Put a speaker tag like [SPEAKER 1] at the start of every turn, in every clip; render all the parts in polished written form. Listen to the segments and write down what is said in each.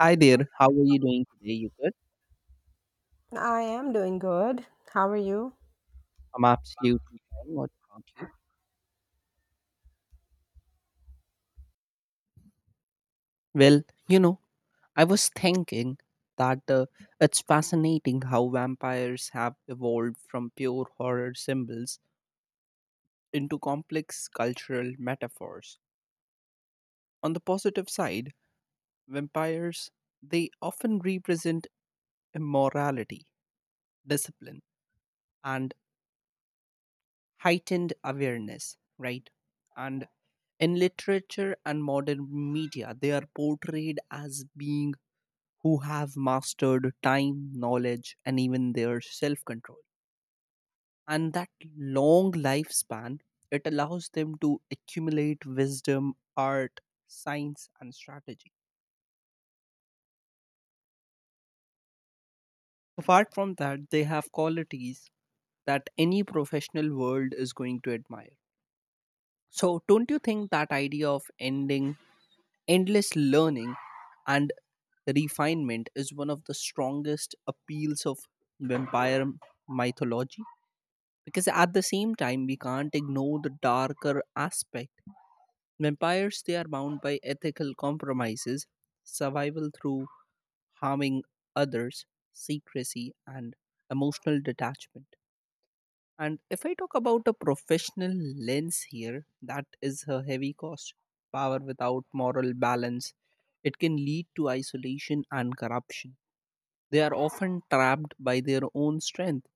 [SPEAKER 1] Hi there, how are you doing today? You good?
[SPEAKER 2] I am doing good. How are you?
[SPEAKER 1] I'm absolutely fine. What about you? Well, you know, I was thinking that it's fascinating how vampires have evolved from pure horror symbols into complex cultural metaphors. On the positive side, vampires they often represent immorality, discipline, and heightened awareness, right? And in literature and modern media, they are portrayed as being who have mastered time, knowledge, and even their self control. And that long lifespan, it allows them to accumulate wisdom, art, science, and strategy. Apart from that, they have qualities that any professional world is going to admire. So, don't you think that idea of ending Endless learning and refinement is one of the strongest appeals of vampire m- mythology, because at the same time we can't ignore the darker aspect. Vampires they are bound by ethical compromises, survival through harming others, secrecy and emotional detachment, and if I talk about a professional lens here, that is a heavy cost. Power without moral balance, it can lead to isolation and corruption. They are often trapped by their own strength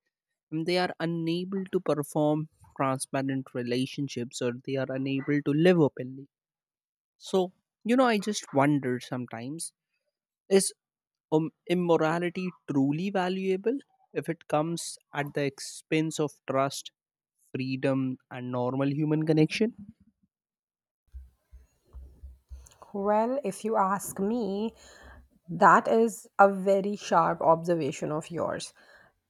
[SPEAKER 1] and they are unable to perform transparent relationships or they are unable to live openly. So, I just wonder sometimes, is immorality truly valuable if it comes at the expense of trust, freedom, and normal human connection?
[SPEAKER 2] Well, if you ask me, that is a very sharp observation of yours.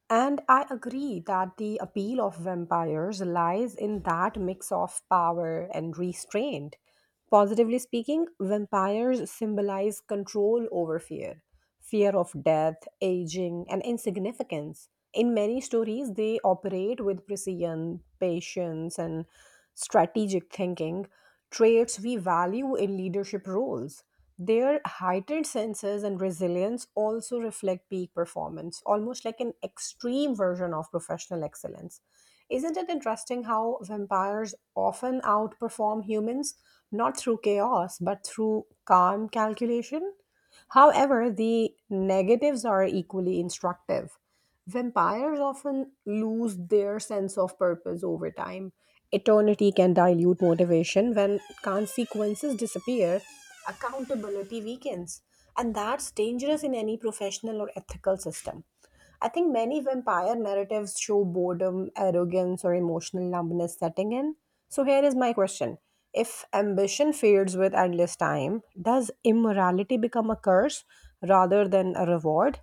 [SPEAKER 2] And I agree that the appeal of vampires lies in that mix of power and restraint. Positively speaking, vampires symbolize control over fear. Fear of death, aging, and insignificance. In many stories, they operate with precision, patience, and strategic thinking, traits we value in leadership roles. Their heightened senses and resilience also reflect peak performance, almost like an extreme version of professional excellence. Isn't it interesting how vampires often outperform humans, not through chaos, but through calm calculation? However, the negatives are equally instructive. Vampires often lose their sense of purpose over time. Eternity can dilute motivation. When consequences disappear, accountability weakens. And that's dangerous in any professional or ethical system. I think many vampire narratives show boredom, arrogance, or emotional numbness setting in. So, here is my question: if ambition fades with endless time, does immorality become a curse rather than a reward?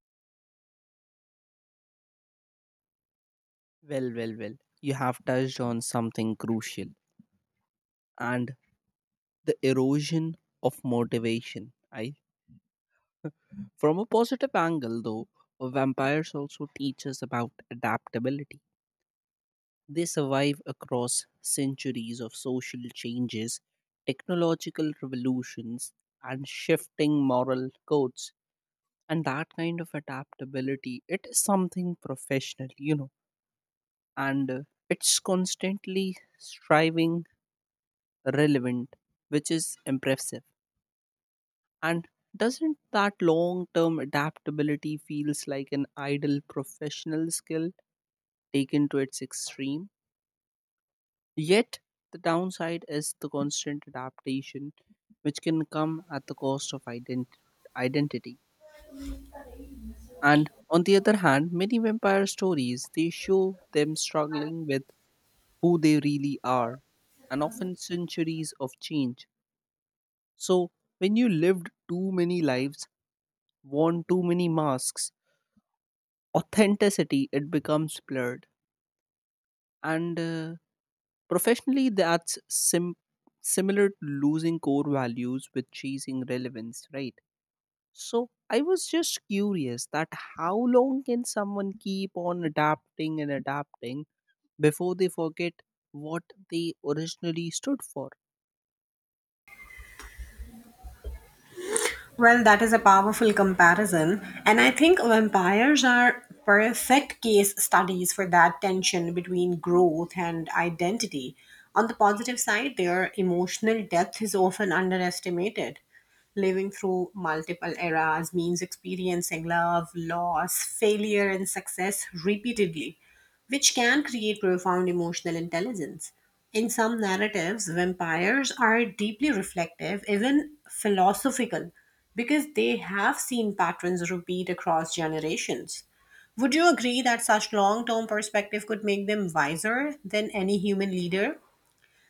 [SPEAKER 1] Well, well, well, you have touched on something crucial and the erosion of motivation. I, from a positive angle, though, vampires also teach us about adaptability. They survive across centuries of social changes, technological revolutions, and shifting moral codes, and that kind of adaptability it is something professional. And It's constantly striving relevant, which is impressive. And doesn't that long term adaptability feels like an idle professional skill taken to its extreme? Yet the downside is the constant adaptation, which can come at the cost of identity. And on the other hand, many vampire stories they show them struggling with who they really are and often centuries of change. So when you lived too many lives, worn too many masks, authenticity it becomes blurred. And Professionally, that's similar to losing core values with chasing relevance, right? So I was just curious that how long can someone keep on adapting and adapting before they forget what they originally stood for?
[SPEAKER 2] Well, that is a powerful comparison. And I think vampires are perfect case studies for that tension between growth and identity. On the positive side, their emotional depth is often underestimated. Living through multiple eras means experiencing love, loss, failure, and success repeatedly, which can create profound emotional intelligence. In some narratives, vampires are deeply reflective, even philosophical, because they have seen patterns repeat across generations. Would you agree that such long term perspective could make them wiser than any human leader?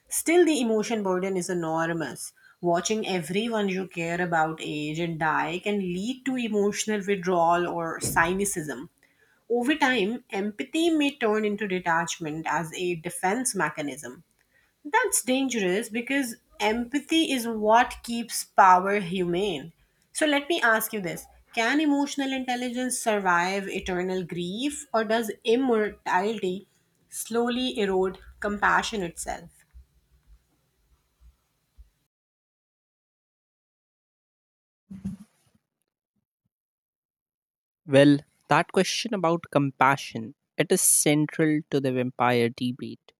[SPEAKER 2] Still, the emotion burden is enormous. Watching everyone you care about age and die can lead to emotional withdrawal or cynicism. Over time, empathy may turn into detachment as a defense mechanism. That's dangerous because empathy is what keeps power humane. So, let me ask you this: can emotional intelligence survive eternal grief, or does immortality slowly erode compassion itself?
[SPEAKER 1] Well, that question about compassion, it is central to the vampire debate.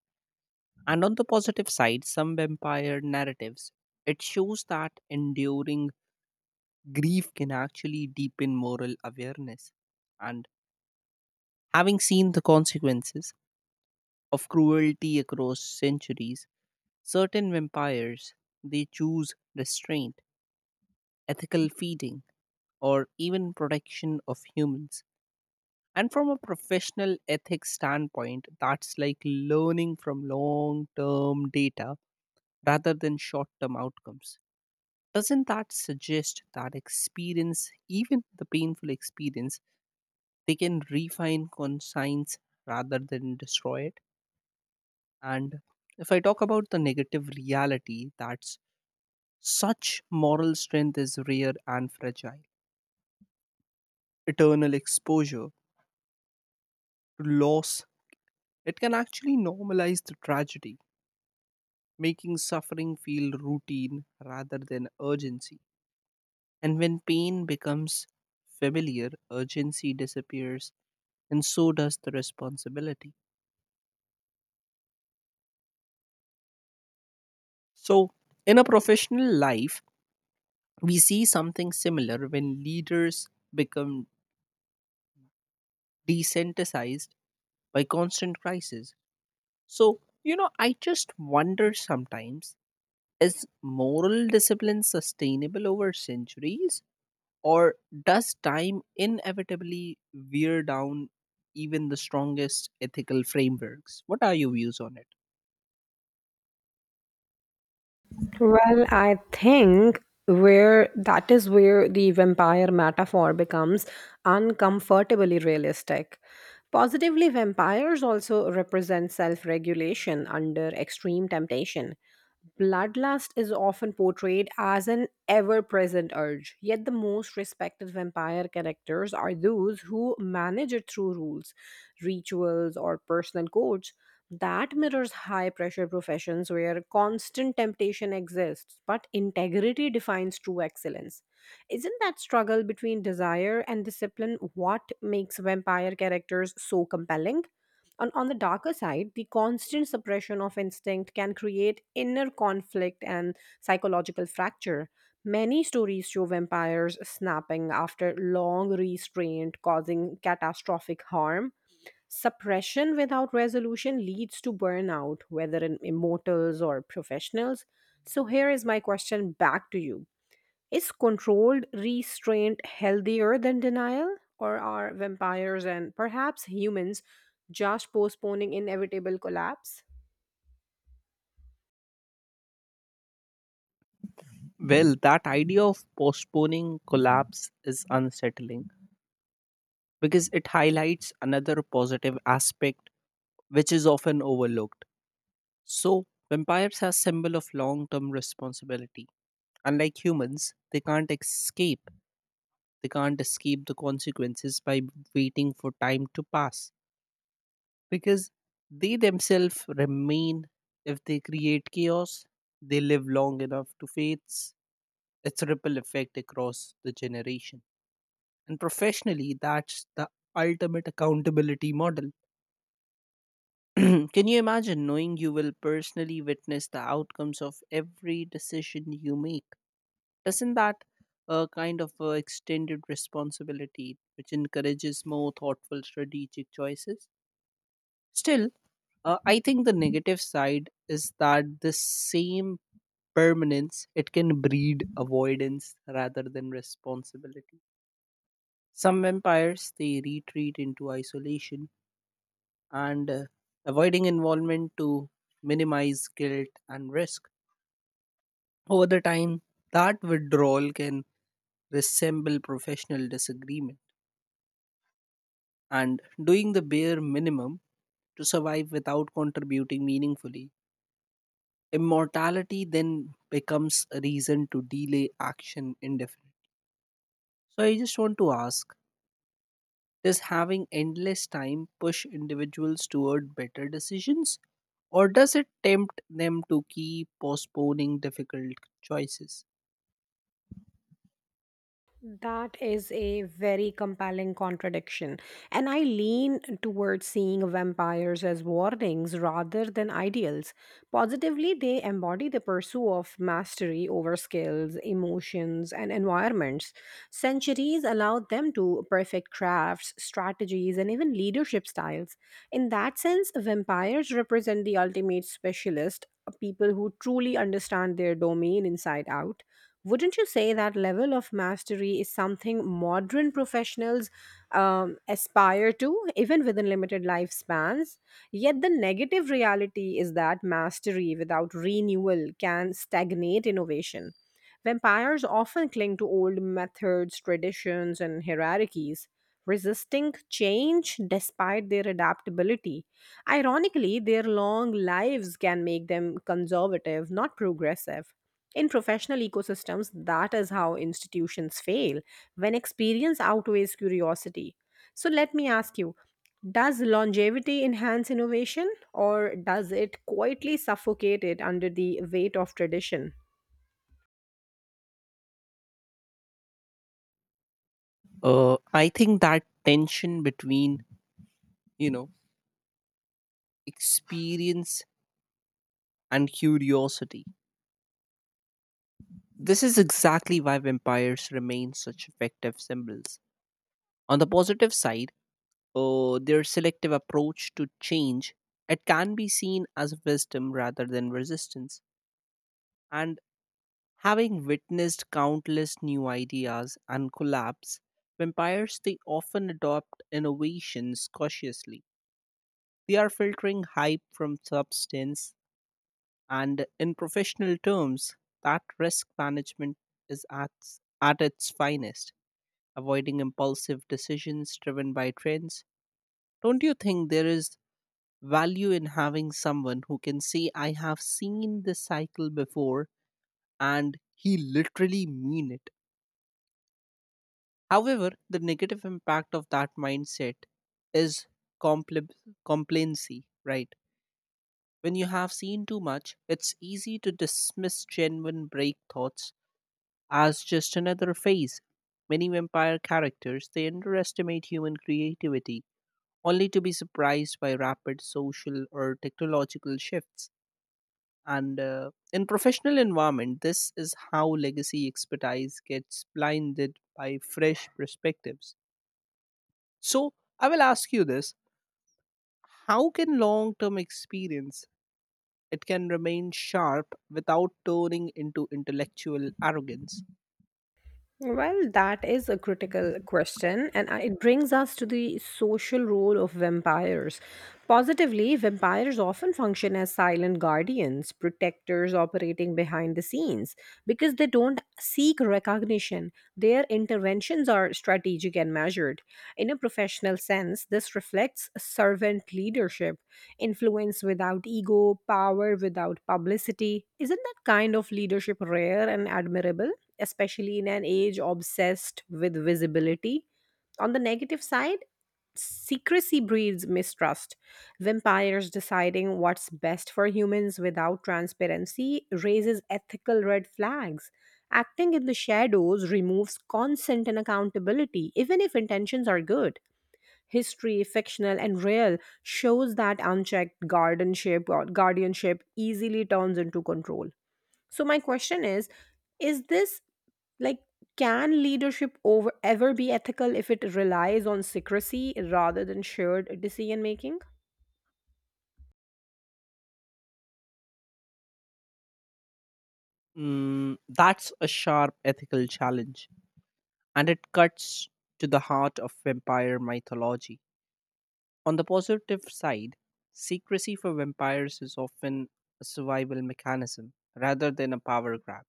[SPEAKER 1] And on the positive side, some vampire narratives, it shows that enduring grief can actually deepen moral awareness. And having seen the consequences of cruelty across centuries, certain vampires, they choose restraint, ethical feeding, or even protection of humans. And from a professional ethics standpoint, that's like learning from long term data rather than short term outcomes. Doesn't that suggest that experience, even the painful experience, they can refine conscience rather than destroy it? And if I talk about the negative reality, that's such moral strength is rare and fragile. Eternal exposure to loss, it can actually normalize the tragedy, making suffering feel routine rather than urgency. And when pain becomes familiar, urgency disappears, and so does the responsibility. So, in a professional life, we see something similar when leaders become desensitized by constant crisis. So, I just wonder sometimes, is moral discipline sustainable over centuries? Or does time inevitably wear down even the strongest ethical frameworks? What are your views on it?
[SPEAKER 2] Well, I think where that is where the vampire metaphor becomes uncomfortably realistic. Positively, vampires also represent self regulation under extreme temptation. Bloodlust is often portrayed as an ever present urge, yet, the most respected vampire characters are those who manage it through rules, rituals, or personal codes. That mirrors high pressure professions where constant temptation exists, but integrity defines true excellence. Isn't that struggle between desire and discipline what makes vampire characters so compelling? On the darker side, the constant suppression of instinct can create inner conflict and psychological fracture. Many stories show vampires snapping after long restraint, causing catastrophic harm. Suppression without resolution leads to burnout, whether in immortals or professionals. So, here is my question back to you: is controlled restraint healthier than denial? Or are vampires, and perhaps humans, just postponing inevitable collapse?
[SPEAKER 1] Well, that idea of postponing collapse is unsettling because it highlights another positive aspect which is often overlooked. So, vampires are a symbol of long-term responsibility. Unlike humans, they can't escape. They can't escape the consequences by waiting for time to pass, because they themselves remain. If they create chaos, they live long enough to face its ripple effect across the generation, and professionally that's the ultimate accountability model. Can you imagine knowing you will personally witness the outcomes of every decision you make? Doesn't that a kind of extended responsibility which encourages more thoughtful strategic choices? Still, I think the negative side is that the same permanence it can breed avoidance rather than responsibility. Some vampires they retreat into isolation, and avoiding involvement to minimize guilt and risk. Over the time, that withdrawal can resemble professional disagreement and doing the bare minimum to survive without contributing meaningfully. Immortality then becomes a reason to delay action indefinitely. So I just want to ask, does having endless time push individuals toward better decisions? Or does it tempt them to keep postponing difficult choices?
[SPEAKER 2] That is a very compelling contradiction. And I lean towards seeing vampires as warnings rather than ideals. Positively, they embody the pursuit of mastery over skills, emotions, and environments. Centuries allowed them to perfect crafts, strategies, and even leadership styles. In that sense, vampires represent the ultimate specialist, people who truly understand their domain inside out. Wouldn't you say that level of mastery is something modern professionals aspire to, even within limited lifespans? Yet the negative reality is that mastery without renewal can stagnate innovation. Vampires often cling to old methods, traditions, and hierarchies, resisting change despite their adaptability. Ironically, their long lives can make them conservative, not progressive. In professional ecosystems, that is how institutions fail when experience outweighs curiosity. So let me ask you: does longevity enhance innovation, or does it quietly suffocate it under the weight of tradition?
[SPEAKER 1] I think that tension between, you know, experience and curiosity, this is exactly why vampires remain such effective symbols. On the positive side, their selective approach to change, it can be seen as wisdom rather than resistance. And having witnessed countless new ideas and collapse, vampires they often adopt innovations cautiously. They are filtering hype from substance, and in professional terms, that risk management is at its finest, avoiding impulsive decisions driven by trends. Don't you think there is value in having someone who can say, I have seen this cycle before, and he literally mean it. However, the negative impact of that mindset is compl- complacency, right? When you have seen too much, it's easy to dismiss genuine break thoughts as just another phase. Many vampire characters they underestimate human creativity, only to be surprised by rapid social or technological shifts, and in professional environment this is how legacy expertise gets blinded by fresh perspectives. So I will ask you this, how can long term experience it can remain sharp without turning into intellectual arrogance?
[SPEAKER 2] Well, that is a critical question, and it brings us to the social role of vampires. Positively, vampires often function as silent guardians, protectors operating behind the scenes, because they don't seek recognition. Their interventions are strategic and measured. In a professional sense, this reflects servant leadership, influence without ego, power without publicity. Isn't that kind of leadership rare and admirable? Especially in an age obsessed with visibility. On the negative side, secrecy breeds mistrust. Vampires deciding what's best for humans without transparency raises ethical red flags. Acting in the shadows removes consent and accountability, even if intentions are good. History, fictional and real, shows that unchecked guardianship or guardianship easily turns into control. So my question is this, like, can leadership over ever be ethical if it relies on secrecy rather than shared decision making?
[SPEAKER 1] Mm, that's a sharp ethical challenge and it cuts to the heart of vampire mythology. On the positive side, secrecy for vampires is often a survival mechanism rather than a power grab.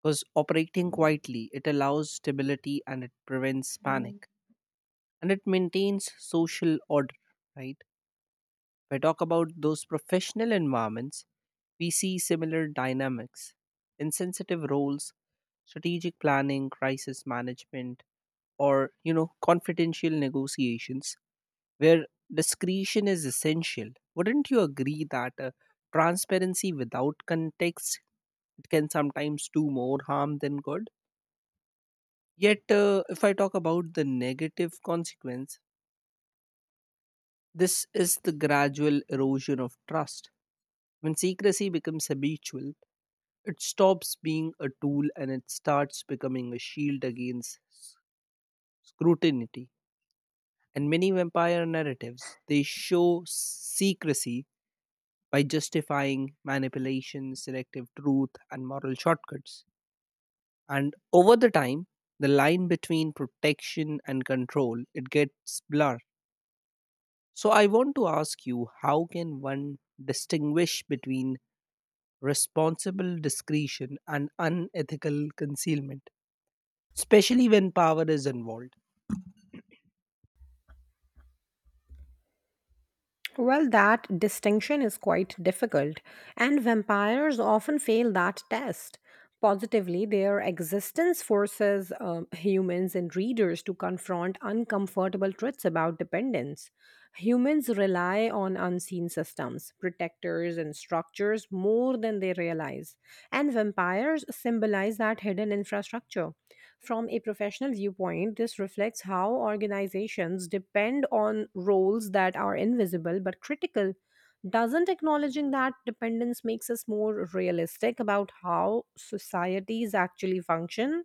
[SPEAKER 1] Because operating quietly, it allows stability and it prevents panic and it maintains social order, right? If I talk about those professional environments, we see similar dynamics. In sensitive roles, strategic planning, crisis management, or you know, confidential negotiations where discretion is essential. Wouldn't you agree that transparency without context it can sometimes do more harm than good? Yet, if I talk about the negative consequence, this is the gradual erosion of trust. When secrecy becomes habitual, it stops being a tool and it starts becoming a shield against scrutiny. And many vampire narratives they show secrecy by justifying manipulation, selective truth, and moral shortcuts. And over the time, the line between protection and control it gets blurred. So I want to ask you, how can one distinguish between responsible discretion and unethical concealment, especially when power is involved?
[SPEAKER 2] Well, that distinction is quite difficult, and vampires often fail that test. Positively, their existence forces humans and readers to confront uncomfortable truths about dependence. Humans rely on unseen systems, protectors, and structures more than they realize, and vampires symbolize that hidden infrastructure. From a professional viewpoint, this reflects how organizations depend on roles that are invisible but critical. Doesn't acknowledging that dependence makes us more realistic about how societies actually function?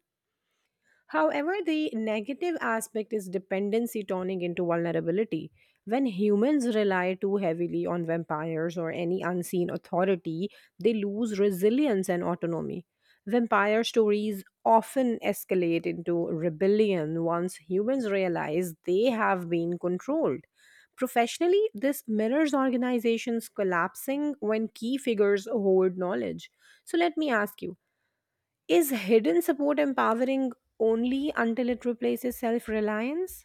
[SPEAKER 2] However, the negative aspect is dependency turning into vulnerability. When humans rely too heavily on vampires or any unseen authority, they lose resilience and autonomy. Vampire stories often escalate into rebellion once humans realize they have been controlled. Professionally, this mirrors organizations collapsing when key figures hoard knowledge. So, let me ask you: is hidden support empowering only until it replaces self reliance?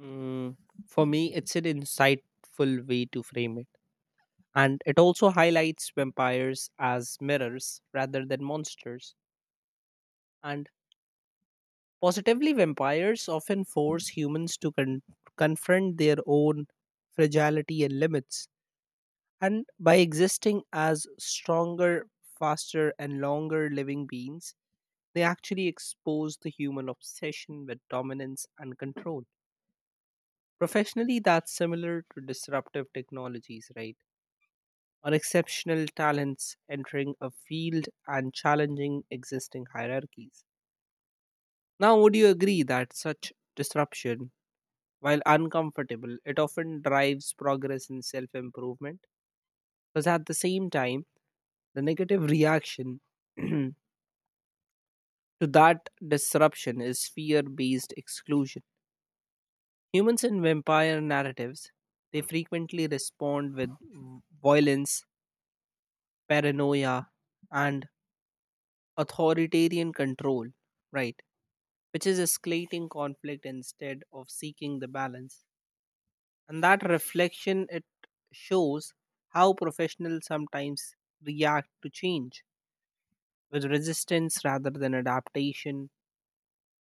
[SPEAKER 1] Mm, for me, it's an insightful way to frame it. And it also highlights vampires as mirrors rather than monsters. And positively, vampires often force humans to confront their own fragility and limits, and by existing as stronger, faster, and longer living beings, they actually expose the human obsession with dominance and control. Professionally, that's similar to disruptive technologies, right? Or exceptional talents entering a field and challenging existing hierarchies. Now, would you agree that such disruption, while uncomfortable, it often drives progress and self improvement? Because at the same time, the negative reaction to that disruption is fear based exclusion. Humans in vampire narratives, they frequently respond with violence, paranoia, and authoritarian control, right? Which is escalating conflict instead of seeking the balance. And that reflection it shows how professionals sometimes react to change with resistance rather than adaptation.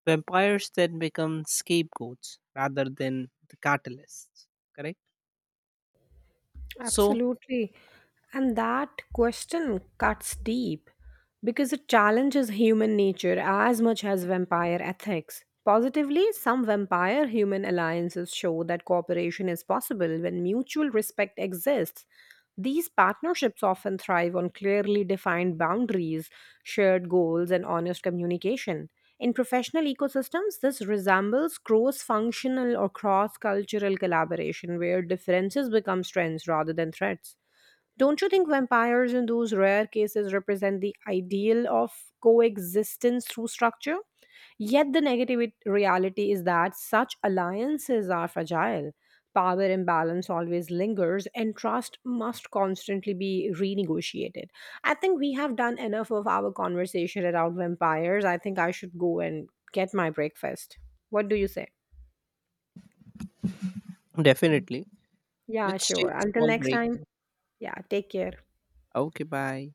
[SPEAKER 1] Vampires then become scapegoats rather than the catalysts, correct? So
[SPEAKER 2] Absolutely. And that question cuts deep because it challenges human nature as much as vampire ethics. Positively, some vampire human alliances show that cooperation is possible when mutual respect exists. These partnerships often thrive on clearly defined boundaries, shared goals, and honest communication. In professional ecosystems, this resembles cross functional or cross cultural collaboration where differences become strengths rather than threats. Don't you think vampires, in those rare cases, represent the ideal of coexistence through structure? Yet the reality is that such alliances are fragile. Power imbalance always lingers, and trust must constantly be renegotiated. I think we have done enough of our conversation around vampires. I think I should go and get my breakfast. What do you say?
[SPEAKER 1] definitely,
[SPEAKER 2] Yeah,
[SPEAKER 1] let's
[SPEAKER 2] sure.
[SPEAKER 1] take a
[SPEAKER 2] Until
[SPEAKER 1] small
[SPEAKER 2] next
[SPEAKER 1] break.
[SPEAKER 2] time. Yeah, take care.
[SPEAKER 1] Okay, bye.